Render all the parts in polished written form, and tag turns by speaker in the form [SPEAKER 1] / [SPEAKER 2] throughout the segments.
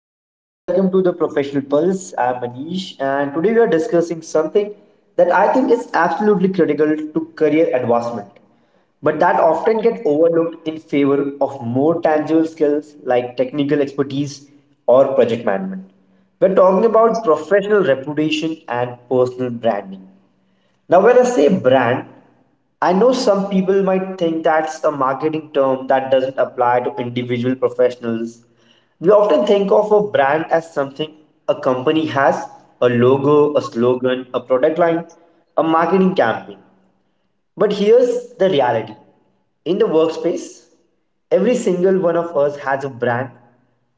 [SPEAKER 1] Hello and welcome to the Professional Pulse. I'm Manish, and today we are discussing something that I think is absolutely critical to career advancement, but that often get overlooked in favor of more tangible skills like technical expertise or project management. We're talking about professional reputation and personal branding. Now, when I say brand, I know some people might think that's a marketing term that doesn't apply to individual professionals. We often think of a brand as something a company has, a logo, a slogan, a product line, a marketing campaign. But here's the reality, in the workspace, every single one of us has a brand,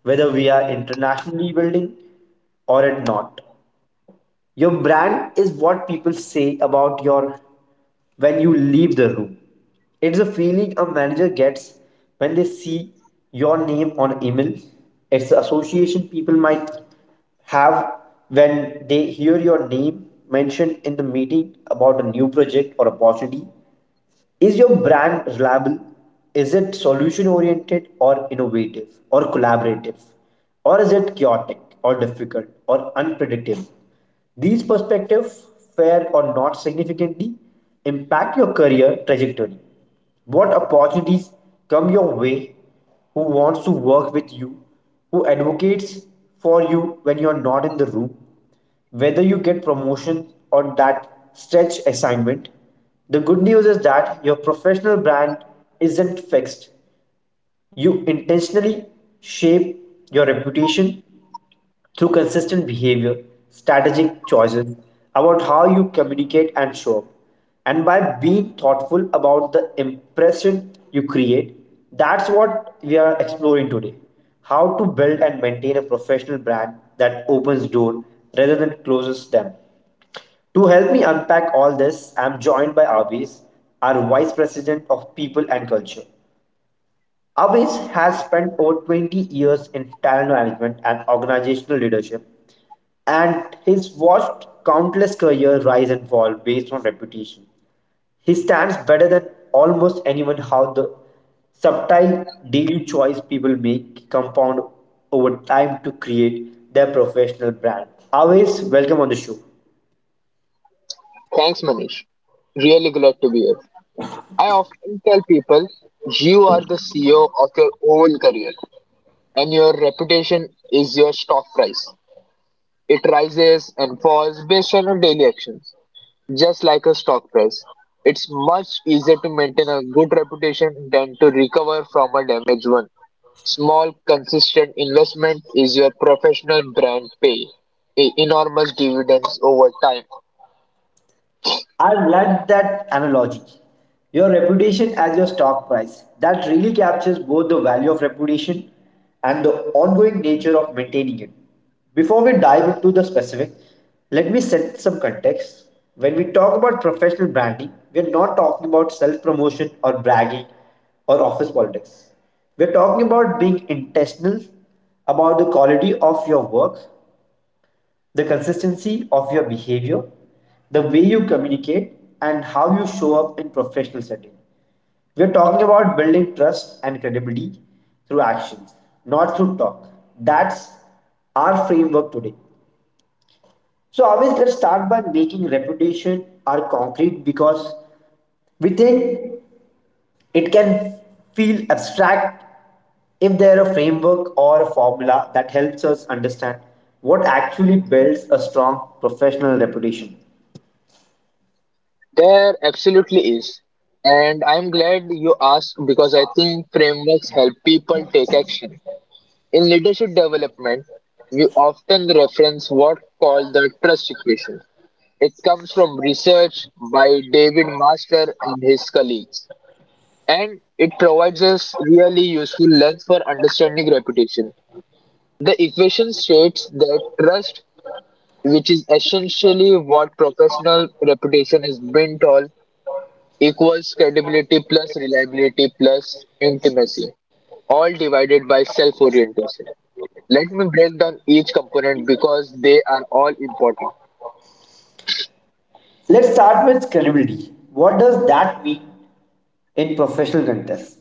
[SPEAKER 1] whether we are internationally building or it not. Your brand is what people say about your when you leave the room. It's a feeling a manager gets when they see your name on email. It's the association people might have when they hear your name mentioned in the meeting about a new project or opportunity. Is your brand reliable? Is it solution oriented or innovative or collaborative? Or is it chaotic or difficult or unpredictable? These perspectives, fair or not significantly, impact your career trajectory. What opportunities come your way? Who wants to work with you? Who advocates for you when you're not in the room? Whether you get promotion or that stretch assignment. The good news is that your professional brand isn't fixed. You intentionally shape your reputation through consistent behavior, strategic choices about how you communicate and show up, and by being thoughtful about the impression you create. That's what we are exploring today, how to build and maintain a professional brand that opens doors rather than closes them. To help me unpack all this, I'm joined by Avis, our Vice President of People and Culture. Avis has spent over 20 years in talent management and organizational leadership, and he's watched countless careers rise and fall based on reputation. He stands better than almost anyone how the subtle daily choice people make compound over time to create their professional brand. Avis, welcome on the show.
[SPEAKER 2] Thanks, Manish. Really glad to be here. I often tell people you are the CEO of your own career, and your reputation is your stock price. It rises and falls based on your daily actions, just like a stock price. It's much easier to maintain a good reputation than to recover from a damaged one. Small, consistent investment is your professional brand enormous dividends over time.
[SPEAKER 1] I've loved that analogy. Your reputation as your stock price. That really captures both the value of reputation and the ongoing nature of maintaining it. Before we dive into the specific, let me set some context. When we talk about professional branding, we're not talking about self promotion or bragging or office politics. We're talking about being intentional about the quality of your work, the consistency of your behavior, the way you communicate, and how you show up in professional setting. We are talking about building trust and credibility through actions, not through talk. That's our framework today. So, always let's start by making reputation our concrete because we think it can feel abstract if there are a framework or a formula that helps us understand what actually builds a strong professional reputation.
[SPEAKER 2] There absolutely is. And I'm glad you asked because I think frameworks help people take action. In leadership development, we often reference what called the trust equation. It comes from research by David Master and his colleagues. And it provides us really useful lens for understanding reputation. The equation states that trust, which is essentially what professional reputation is built on, equals credibility plus reliability plus intimacy, all divided by self orientation. Let me break down each component because they are all important.
[SPEAKER 1] Let's start with credibility. What does that mean in professional context?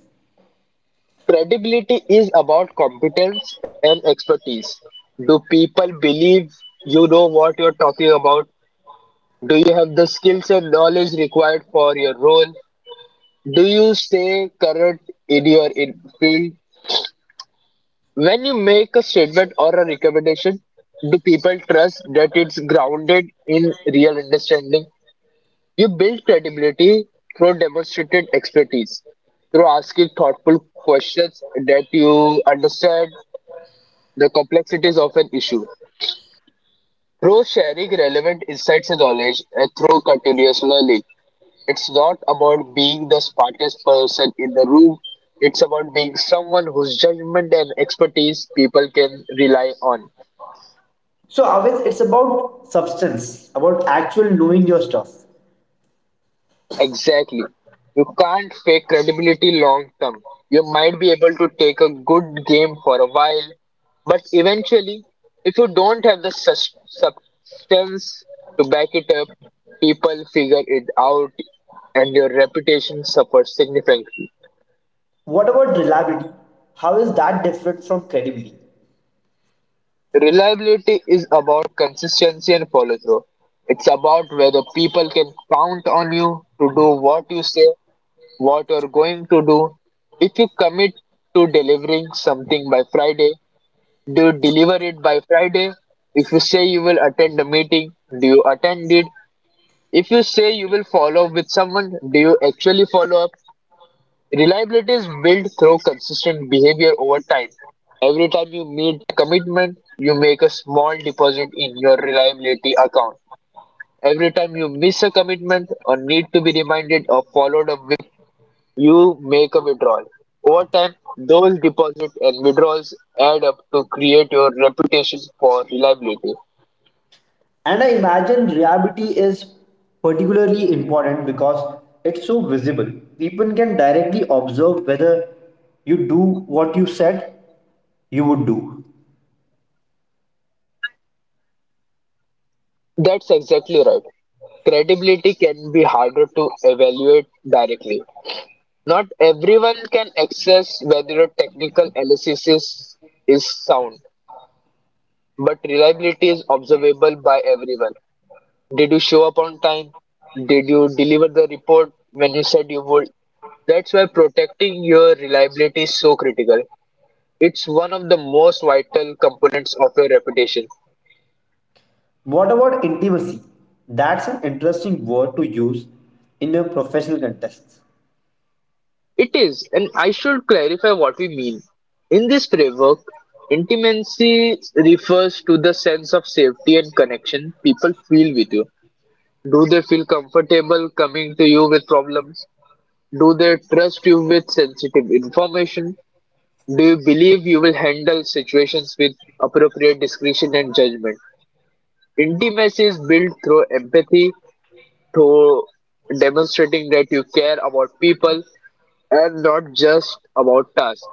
[SPEAKER 2] Credibility is about competence and expertise. Do people believe you know what you're talking about? Do you have the skills and knowledge required for your role? Do you stay current in your field? When you make a statement or a recommendation, do people trust that it's grounded in real understanding? You build credibility through demonstrated expertise, through asking thoughtful questions that you understand the complexities of an issue, through sharing relevant insights and knowledge, and through continuous learning. It's not about being the smartest person in the room. It's about being someone whose judgment and expertise people can rely on.
[SPEAKER 1] So, always it's about substance, about actual knowing your stuff.
[SPEAKER 2] Exactly. You can't fake credibility long term. You might be able to take a good game for a while, but eventually, if you don't have the substance to back it up, people figure it out and your reputation suffers significantly.
[SPEAKER 1] What about reliability? How is that different from credibility?
[SPEAKER 2] Reliability is about consistency and follow through. It's about whether people can count on you to do what you say what you're going to do. If you commit to delivering something by Friday, do you deliver it by Friday? If you say you will attend a meeting, do you attend it? If you say you will follow up with someone, do you actually follow up? Reliability is built through consistent behavior over time. Every time you meet a commitment, you make a small deposit in your reliability account. Every time you miss a commitment or need to be reminded or followed up with, you make a withdrawal. Over time, those deposits and withdrawals add up to create your reputation for reliability.
[SPEAKER 1] And I imagine reliability is particularly important because it's so visible. People can directly observe whether you do what you said you would do.
[SPEAKER 2] That's exactly right. Credibility can be harder to evaluate directly. Not everyone can access whether a technical analysis is sound, but reliability is observable by everyone. Did you show up on time? Did you deliver the report when you said you would? That's why protecting your reliability is so critical. It's one of the most vital components of your reputation.
[SPEAKER 1] What about intimacy? That's an interesting word to use in a professional context.
[SPEAKER 2] It is, and I should clarify what we mean. In this framework, intimacy refers to the sense of safety and connection people feel with you. Do they feel comfortable coming to you with problems? Do they trust you with sensitive information? Do you believe you will handle situations with appropriate discretion and judgment? Intimacy is built through empathy, through demonstrating that you care about people and not just about tasks.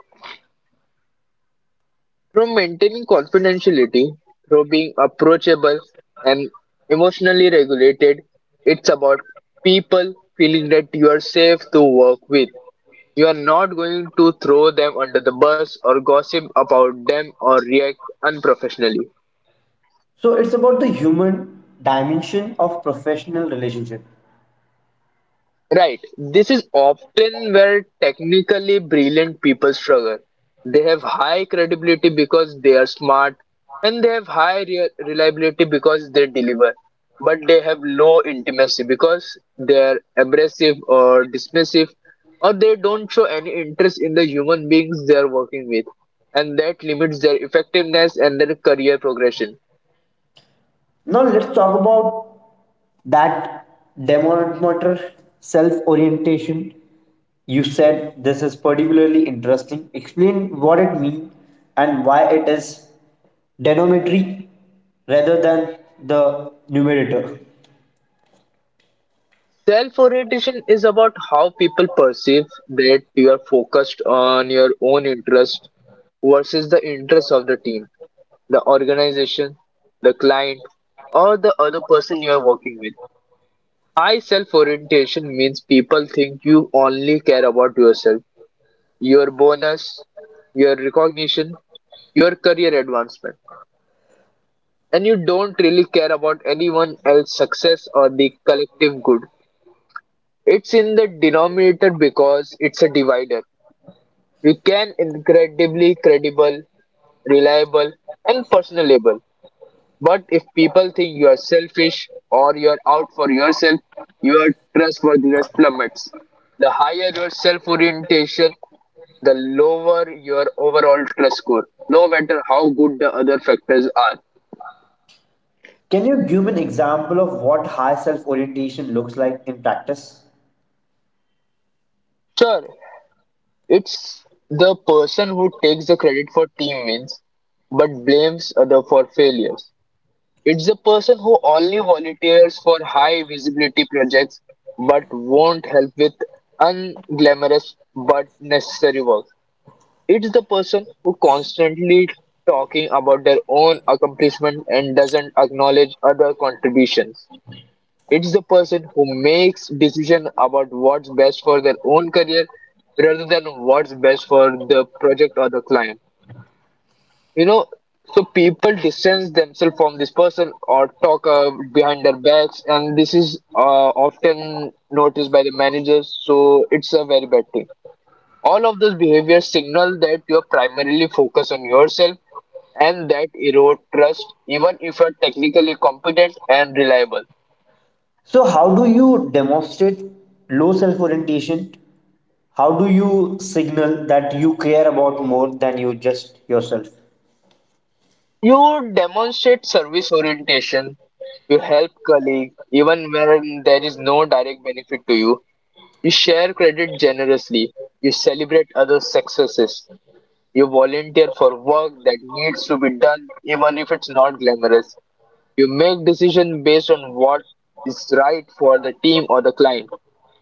[SPEAKER 2] Through maintaining confidentiality, through being approachable and emotionally regulated, it's about people feeling that you are safe to work with. You are not going to throw them under the bus or gossip about them or react unprofessionally.
[SPEAKER 1] So it's about the human dimension of professional relationship.
[SPEAKER 2] Right. This is often where technically brilliant people struggle. They have high credibility because they are smart, and they have high reliability because they deliver. But they have low intimacy because they are abrasive or dismissive, or they don't show any interest in the human beings they are working with, and that limits their effectiveness and their career progression.
[SPEAKER 1] Now let's talk about that demotor self-orientation. You said this is particularly interesting. Explain what it means and why it is denominatory rather than the numerator.
[SPEAKER 2] Self orientation is about how people perceive that you are focused on your own interest versus the interests of the team, the organization, the client, or the other person you are working with. High self orientation means people think you only care about yourself, your bonus, your recognition, your career advancement, and you don't really care about anyone else's success or the collective good. It's in the denominator because it's a divider. You can incredibly credible, reliable, and personable. But if people think you are selfish or you are out for yourself, your trustworthiness plummets. The higher your self orientation, the lower your overall trust score, no matter how good the other factors are.
[SPEAKER 1] Can you give an example of what high self-orientation looks like in practice?
[SPEAKER 2] Sure, it's the person who takes the credit for team wins but blames other for failures. It's the person who only volunteers for high visibility projects but won't help with unglamorous but necessary work. It's the person who constantly talking about their own accomplishment and doesn't acknowledge other contributions. It's the person who makes decision about what's best for their own career rather than what's best for the project or the client you know so people distance themselves from this person or talk behind their backs, and this is often noticed by the managers, so it's a very bad thing. All of those behaviors signal that you're primarily focused on yourself, and that erode trust even if you're technically competent and reliable.
[SPEAKER 1] So, how do you demonstrate low self orientation? How do you signal that you care about more than you just yourself?
[SPEAKER 2] You demonstrate service orientation. You help colleague even when there is no direct benefit to you. You share credit generously, you celebrate other successes, you volunteer for work that needs to be done even if it's not glamorous. You make decisions based on what is right for the team or the client,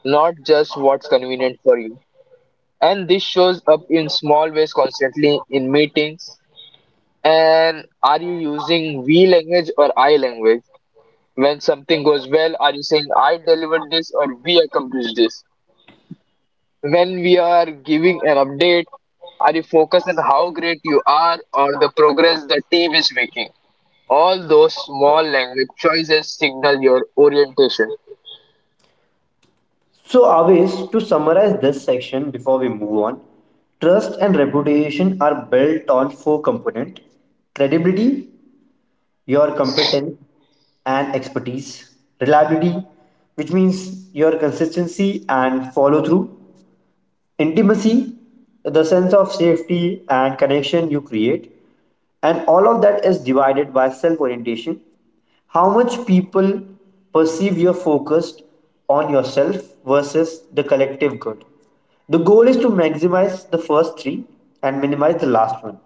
[SPEAKER 2] not just what's convenient for you. And this shows up in small ways constantly in meetings. And are you using we language or I language? When something goes well, are you saying I delivered this or we accomplished this? When we are giving an update, are you focused on how great you are or the progress the team is making? All those small language choices signal your orientation.
[SPEAKER 1] So, always to summarize this section before we move on, trust and reputation are built on four components, credibility, your competence, and expertise, reliability, which means your consistency and follow through, intimacy, the sense of safety and connection you create, and all of that is divided by self orientation. How much people perceive you're focused on yourself versus the collective good. The goal is to maximize the first three and minimize the last one.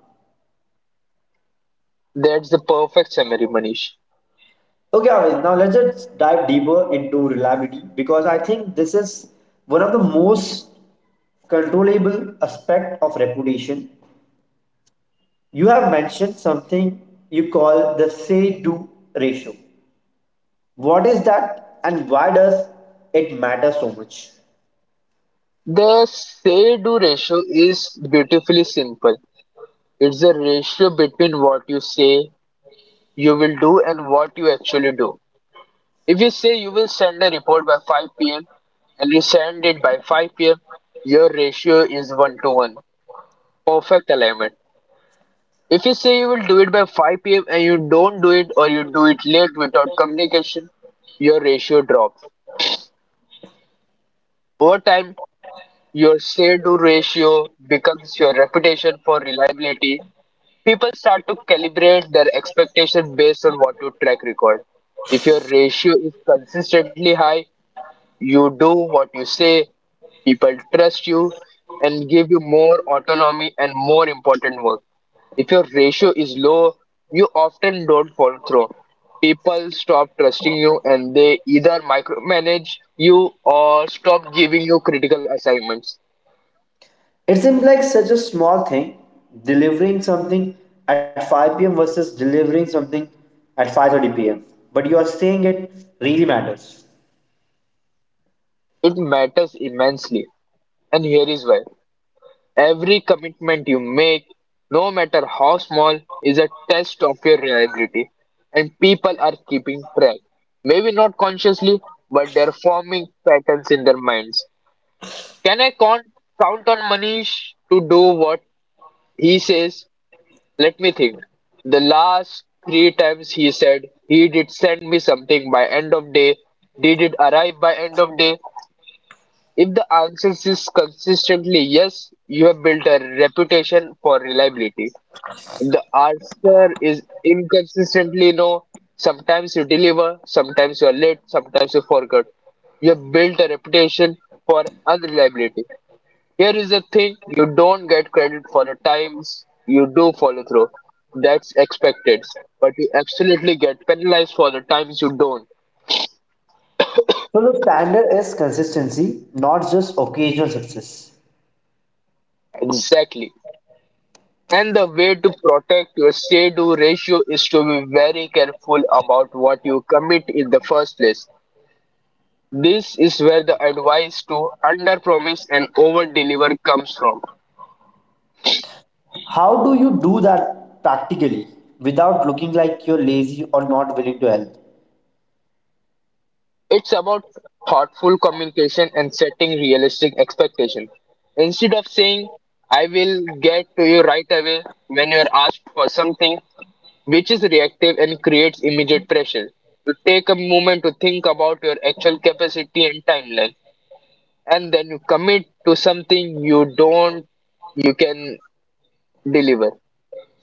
[SPEAKER 2] That's the perfect summary, Manish.
[SPEAKER 1] Okay, Avish, now let's just dive deeper into reliability because I think this is one of the most controllable aspect of reputation. You have mentioned something you call the say do ratio. What is that and why does it matter so much?
[SPEAKER 2] The say do ratio is beautifully simple. It's the ratio between what you say you will do and what you actually do. If you say you will send a report by 5 p.m. and you send it by 5 p.m., your ratio is 1 to 1. Perfect alignment. If you say you will do it by 5 p.m. and you don't do it or you do it late without communication, your ratio drops. Over time, your say do ratio becomes your reputation for reliability. People start to calibrate their expectation based on what you track record. If your ratio is consistently high, you do what you say, people trust you and give you more autonomy and more important work. If your ratio is low, you often don't follow through. People stop trusting you and they either micromanage you or stop giving you critical assignments.
[SPEAKER 1] It seems like such a small thing, delivering something at 5 pm versus delivering something at 5:30 pm, but you are saying it really matters.
[SPEAKER 2] It matters immensely. And here is why. Every commitment you make, no matter how small, is a test of your reliability. And people are keeping track. Maybe not consciously, but they're forming patterns in their minds. Can I con- Count on Manish to do what He says, Let me think. The last three times he said, He did send me something by end of day. Did it arrive by end of day? If the answer is consistently yes, you have built a reputation for reliability. If the answer is inconsistently no, sometimes you deliver, sometimes you are late, sometimes you forgot. You have built a reputation for unreliability. Here is the thing you don't get credit for the times you do follow through. That's expected. But you absolutely get penalized for the times you don't.
[SPEAKER 1] So the standard is consistency, not just occasional success.
[SPEAKER 2] Exactly. And the way to protect your say do ratio is to be very careful about what you commit in the first place. This is where the advice to under promise and over deliver comes from.
[SPEAKER 1] How do you do that practically without looking like you're lazy or not willing to help?
[SPEAKER 2] It's about thoughtful communication and setting realistic expectations. Instead of saying, I will get to you right away when you are asked for something, which is reactive and creates immediate pressure. You take a moment to think about your actual capacity and timeline, and then you commit to something you don't, you can deliver.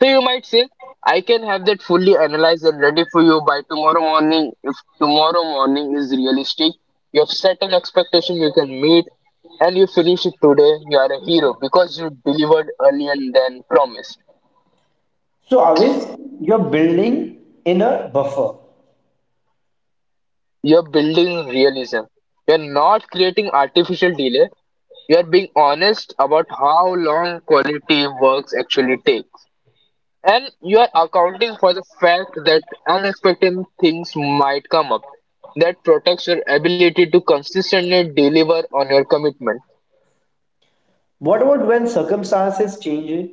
[SPEAKER 2] So you might say, I can have that fully analyzed and ready for you by tomorrow morning. If tomorrow morning is realistic, you have set an expectation you can meet and you finish it today, you are a hero because you delivered earlier than promised.
[SPEAKER 1] So, always you're building inner buffer.
[SPEAKER 2] You're building realism. You're not creating artificial delay. You're being honest about how long quality works actually take. And you are accounting for the fact that unexpected things might come up. That protects your ability to consistently deliver on your commitment.
[SPEAKER 1] What about when circumstances change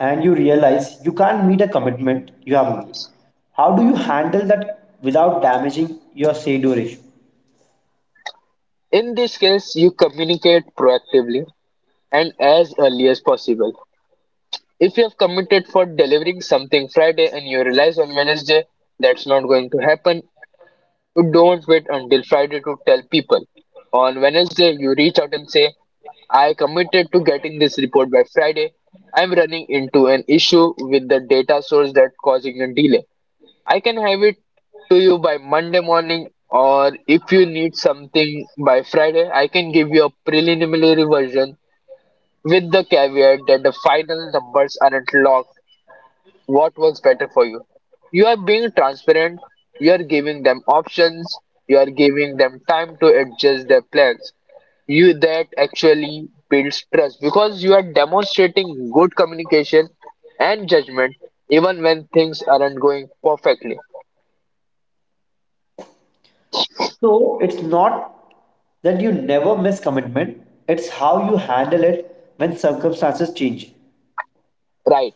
[SPEAKER 1] and you realize you can't meet a commitment you have made? How do you handle that without damaging your say-do ratio?
[SPEAKER 2] In this case, you communicate proactively and as early as possible. If you have committed for delivering something Friday and you realize on Wednesday that's not going to happen, you don't wait until Friday to tell people. On Wednesday, you reach out and say, I committed to getting this report by Friday. I'm running into an issue with the data source that's causing a delay. I can have it to you by Monday morning, or if you need something by Friday, I can give you a preliminary version with the caveat that the final numbers aren't locked. What works better for you? You are being transparent, you are giving them options, you are giving them time to adjust their plans. You that actually builds trust because you are demonstrating good communication and judgment even when things aren't going perfectly.
[SPEAKER 1] So, it's not that you never miss commitment, it's how you handle it when circumstances change.
[SPEAKER 2] Right,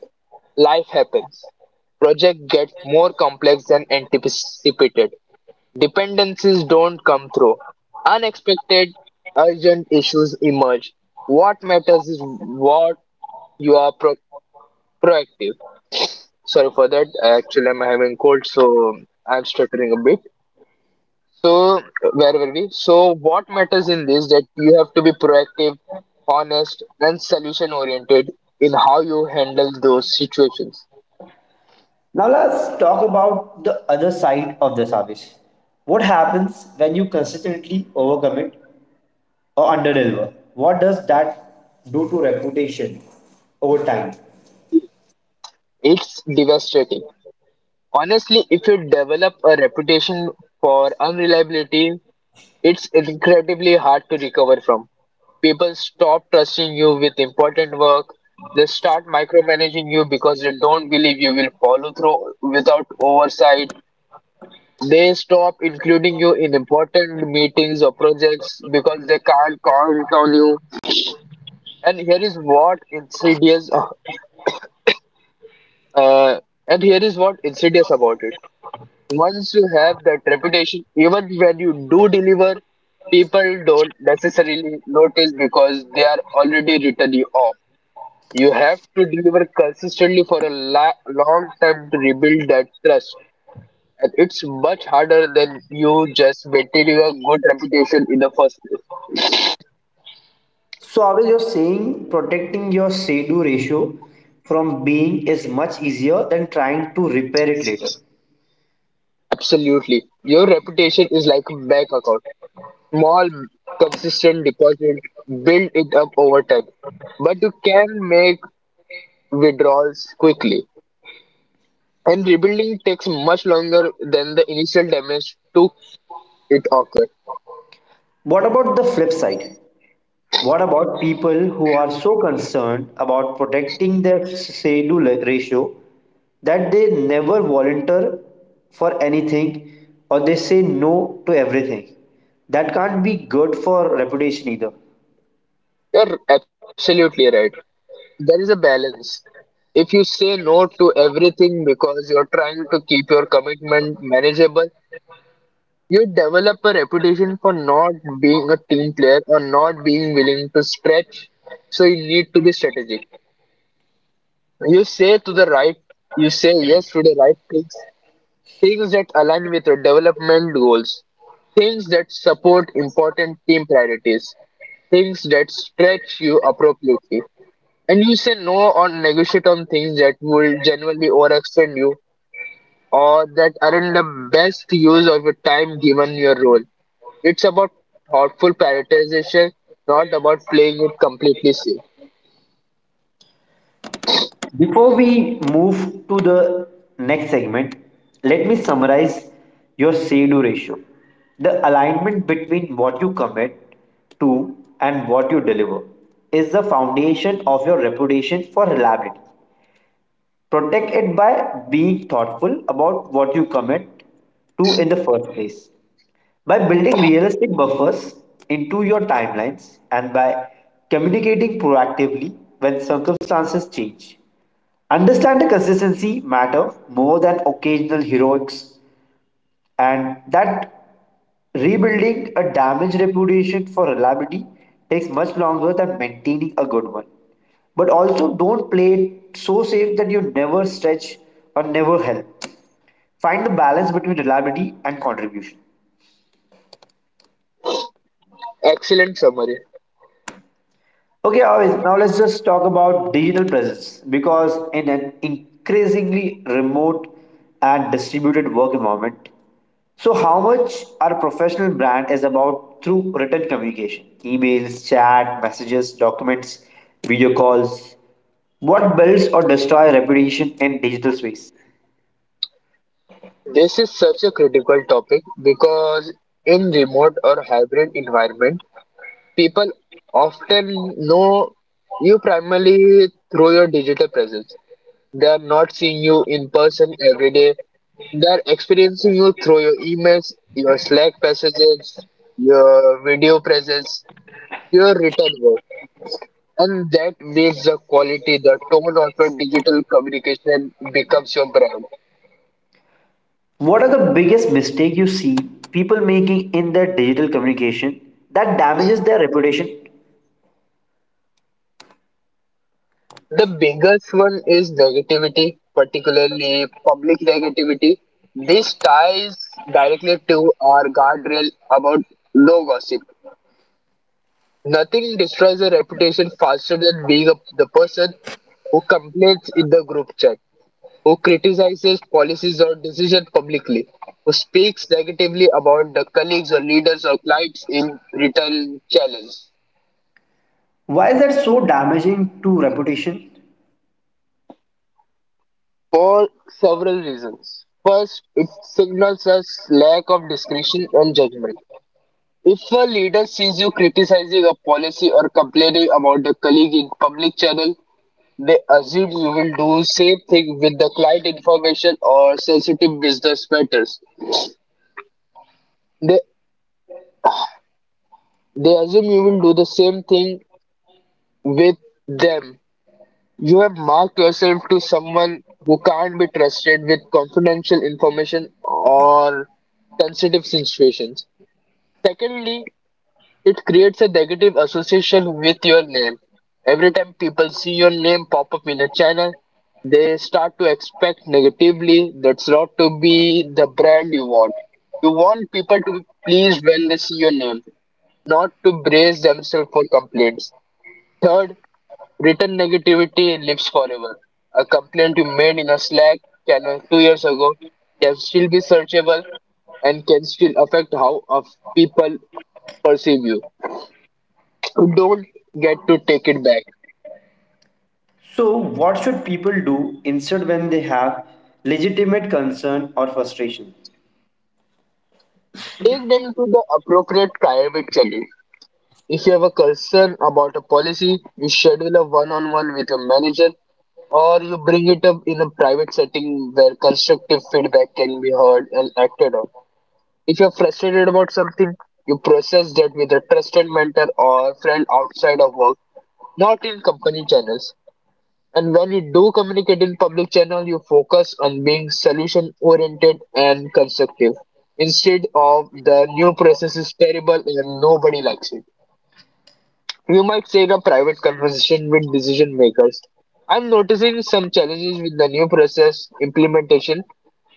[SPEAKER 2] life happens. Project gets more complex than anticipated. Dependencies don't come through. Unexpected, urgent issues emerge. What matters is what you are pro- proactive. Sorry for that. Actually, I'm having cold, so I'm stuttering a bit. So, where were we? So, what matters in this that you have to be proactive, honest, and solution oriented in how you handle those situations.
[SPEAKER 1] Now, let's talk about the other side of this, Avish. What happens when you consistently overcommit or underdeliver. What does that do to reputation over time?
[SPEAKER 2] It's devastating. Honestly, if you develop a reputation for unreliability, it's incredibly hard to recover from. People stop trusting you with important work. They start micromanaging you because they don't believe you will follow through without oversight. They stop including you in important meetings or projects because they can't count on you. And here is what insidious, uh, uh, and here is what insidious about it. Once you have that reputation, even when you do deliver, people don't necessarily notice because they are already written you off. You have to deliver consistently for a long time to rebuild that trust. And it's much harder than you just maintaining a good reputation in the first place.
[SPEAKER 1] So, always you're saying protecting your say do ratio from being is much easier than trying to repair it later.
[SPEAKER 2] Absolutely. Your reputation is like a bank account. Small, consistent deposit, build it up over time. But you can make withdrawals quickly. And rebuilding takes much longer than the initial damage to it occur.
[SPEAKER 1] What about the flip side? What about people who are so concerned about protecting their say do ratio that they never volunteer for anything or they say no to everything? That can't be good for reputation either.
[SPEAKER 2] You're absolutely right. There is a balance. If you say no to everything because you're trying to keep your commitment manageable, you develop a reputation for not being a team player or not being willing to stretch. So you need to be strategic. You say to the right, you say yes to the right things, things that align with your development goals, things that support important team priorities, things that stretch you appropriately. And you say no or negotiate on things that will generally overextend you or that aren't the best use of your time given your role. It's about thoughtful prioritization, not about playing it completely safe.
[SPEAKER 1] Before we move to the next segment, let me summarize your say do ratio. The alignment between what you commit to and what you deliver is the foundation of your reputation for reliability. Protect it by being thoughtful about what you commit to in the first place. By building realistic buffers into your timelines and by communicating proactively when circumstances change. Understand the consistency matter more than occasional heroics and that rebuilding a damaged reputation for reliability takes much longer than maintaining a good one. But also don't play it so safe that you never stretch or never help. Find the balance between reliability and contribution.
[SPEAKER 2] Excellent summary.
[SPEAKER 1] Okay, Avis, now let's just talk about digital presence because in an increasingly remote and distributed work environment, so how much our professional brand is about through written communication, emails, chat, messages, documents, video calls, what builds or destroys reputation in digital space?
[SPEAKER 2] This is such a critical topic because in remote or hybrid environment, people often know you primarily through your digital presence. They are not seeing you in person every day. They are experiencing you through your emails, your Slack messages, your video presence, your written work. And that makes the quality, the tone of your digital communication becomes your brand.
[SPEAKER 1] What are the biggest mistake you see people making in their digital communication that damages their reputation?
[SPEAKER 2] The biggest one is negativity, particularly public negativity. This ties directly to our guardrail about no gossip. Nothing destroys a reputation faster than being the person who complains in the group chat, who criticizes policies or decisions publicly, who speaks negatively about the colleagues or leaders or clients in retail channels
[SPEAKER 1] Why is that so damaging to reputation?
[SPEAKER 2] for several reasons. First, it signals us lack of discretion and judgment. If a leader sees you criticizing a policy or complaining about a colleague in public channel, they assume you will do same thing with the client information or sensitive business matters. They They assume you will do the same thing with them. You have marked yourself to someone who can't be trusted with confidential information or sensitive situations. Secondly, it creates a negative association with your name. Every time people see your name pop up in a channel, they start to expect negatively that's not to be the brand you want. You want people to be pleased when they see your name, not to brace themselves for complaints. Third, written negativity lives forever. A complaint you made in a Slack channel 2 years ago can still be searchable and can still affect how of people perceive you. You don't get to take it back.
[SPEAKER 1] So, what should people do instead when they have legitimate concern or frustration?
[SPEAKER 2] Take them to the appropriate private channel. If you have a concern about a policy, you schedule a one-on-one with a manager or you bring it up in a private setting where constructive feedback can be heard and acted on. If you're frustrated about something, you process that with a trusted mentor or friend outside of work, not in company channels. And when you do communicate in public channel, you focus on being solution oriented and constructive instead of the new process is terrible and nobody likes it. You might say in a private conversation with decision makers, I'm noticing some challenges with the new process implementation.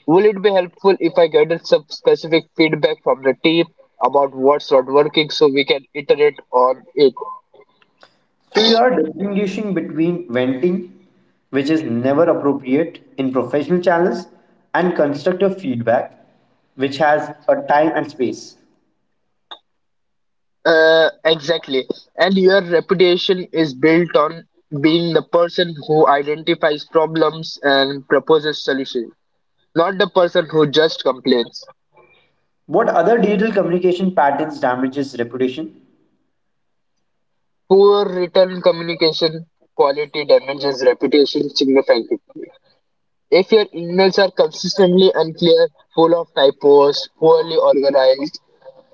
[SPEAKER 2] Will it be helpful if I get some specific feedback from the team about what's not working so we can iterate on it?
[SPEAKER 1] So, you are distinguishing between venting, which is never appropriate in professional channels, and constructive feedback, which has a time and space.
[SPEAKER 2] Exactly. And your reputation is built on being the person who identifies problems and proposes solutions, not the person who just complains.
[SPEAKER 1] What other digital communication patterns damages reputation?
[SPEAKER 2] Poor written communication quality damages reputation significantly. If your emails are consistently unclear, full of typos, poorly organized,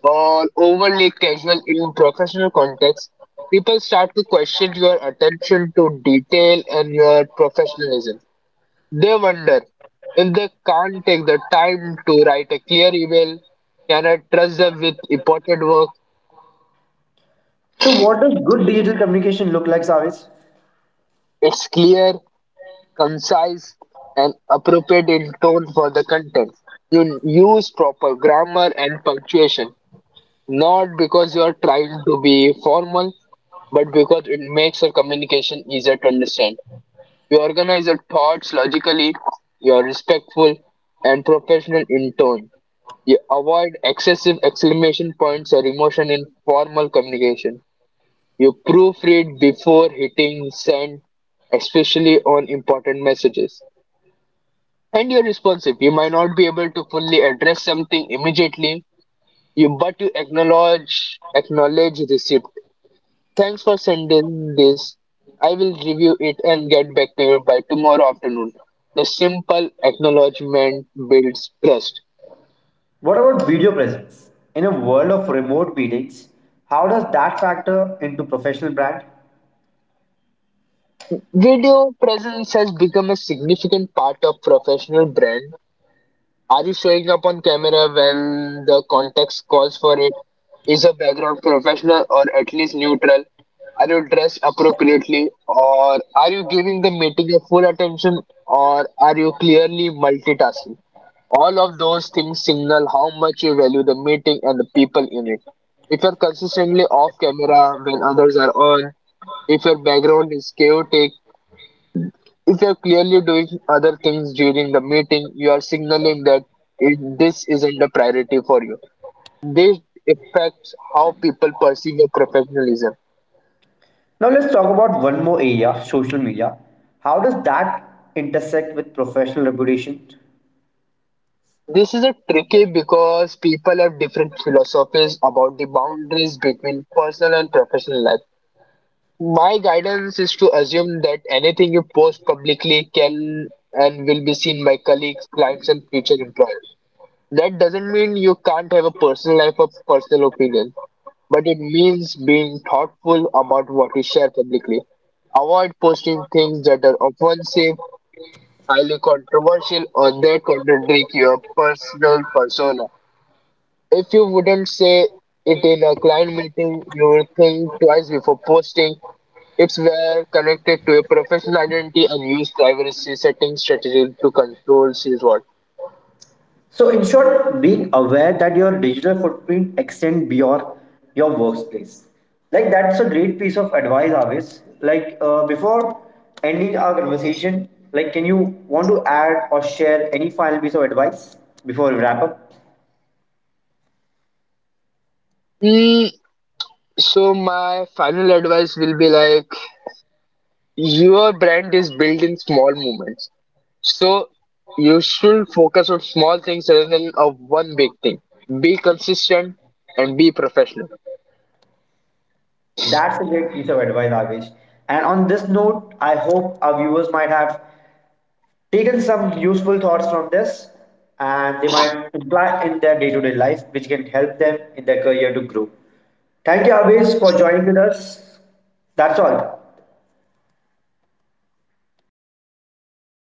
[SPEAKER 2] or overly casual in professional contexts, people start to question your attention to detail and your professionalism. They wonder if they can't take the time to write a clear email, can I trust them with important work?
[SPEAKER 1] So, what does good digital communication look like, Savis?
[SPEAKER 2] It's clear, concise, and appropriate in tone for the content. You use proper grammar and punctuation. Not because you are trying to be formal, but because it makes your communication easier to understand. You organize your thoughts logically, you are respectful and professional in tone. You avoid excessive exclamation points or emotion in formal communication. You proofread before hitting send, especially on important messages. And you're responsive. You might not be able to fully address something immediately, you but you acknowledge acknowledge receipt. Thanks for sending this. I will review it and get back to you by tomorrow afternoon. The simple acknowledgement builds trust.
[SPEAKER 1] What about video presence? In a world of remote meetings, how does that factor into professional brand?
[SPEAKER 2] Video presence has become a significant part of professional brand. Are you showing up on camera when the context calls for it? Is your background professional or at least neutral? Are you dressed appropriately or are you giving the meeting your full attention or are you clearly multitasking? All of those things signal how much you value the meeting and the people in it. If you're consistently off camera when others are on, if your background is chaotic, if you're clearly doing other things during the meeting, you are signaling that this isn't a priority for you. This affects how people perceive your professionalism.
[SPEAKER 1] Now let's talk about one more area, social media. How does that intersect with professional reputation?
[SPEAKER 2] This is a tricky because people have different philosophies about the boundaries between personal and professional life. My guidance is to assume that anything you post publicly can and will be seen by colleagues, clients, and future employers. That doesn't mean you can't have a personal life or personal opinion, but it means being thoughtful about what you share publicly. Avoid posting things that are offensive, highly controversial, or that contradict your personal persona. If you wouldn't say it in a client meeting, you will think twice before posting it's were connected to a professional identity and use privacy setting strategy to control sales what.
[SPEAKER 1] So in short, being aware that your digital footprint extends beyond your workplace. Like that's a great piece of advice, always. Like before ending our conversation, like can you want to add or share any final piece of advice before we wrap up?
[SPEAKER 2] Mm, so my final advice will be like your brand is built in small moments. So you should focus on small things rather than of one big thing. Be consistent and be professional.
[SPEAKER 1] That's a great piece of advice, Avish. And on this note, I hope our viewers might have taken some useful thoughts from this and they might apply in their day to day life, which can help them in their career to grow. Thank you, Abhis, for joining with us. That's all.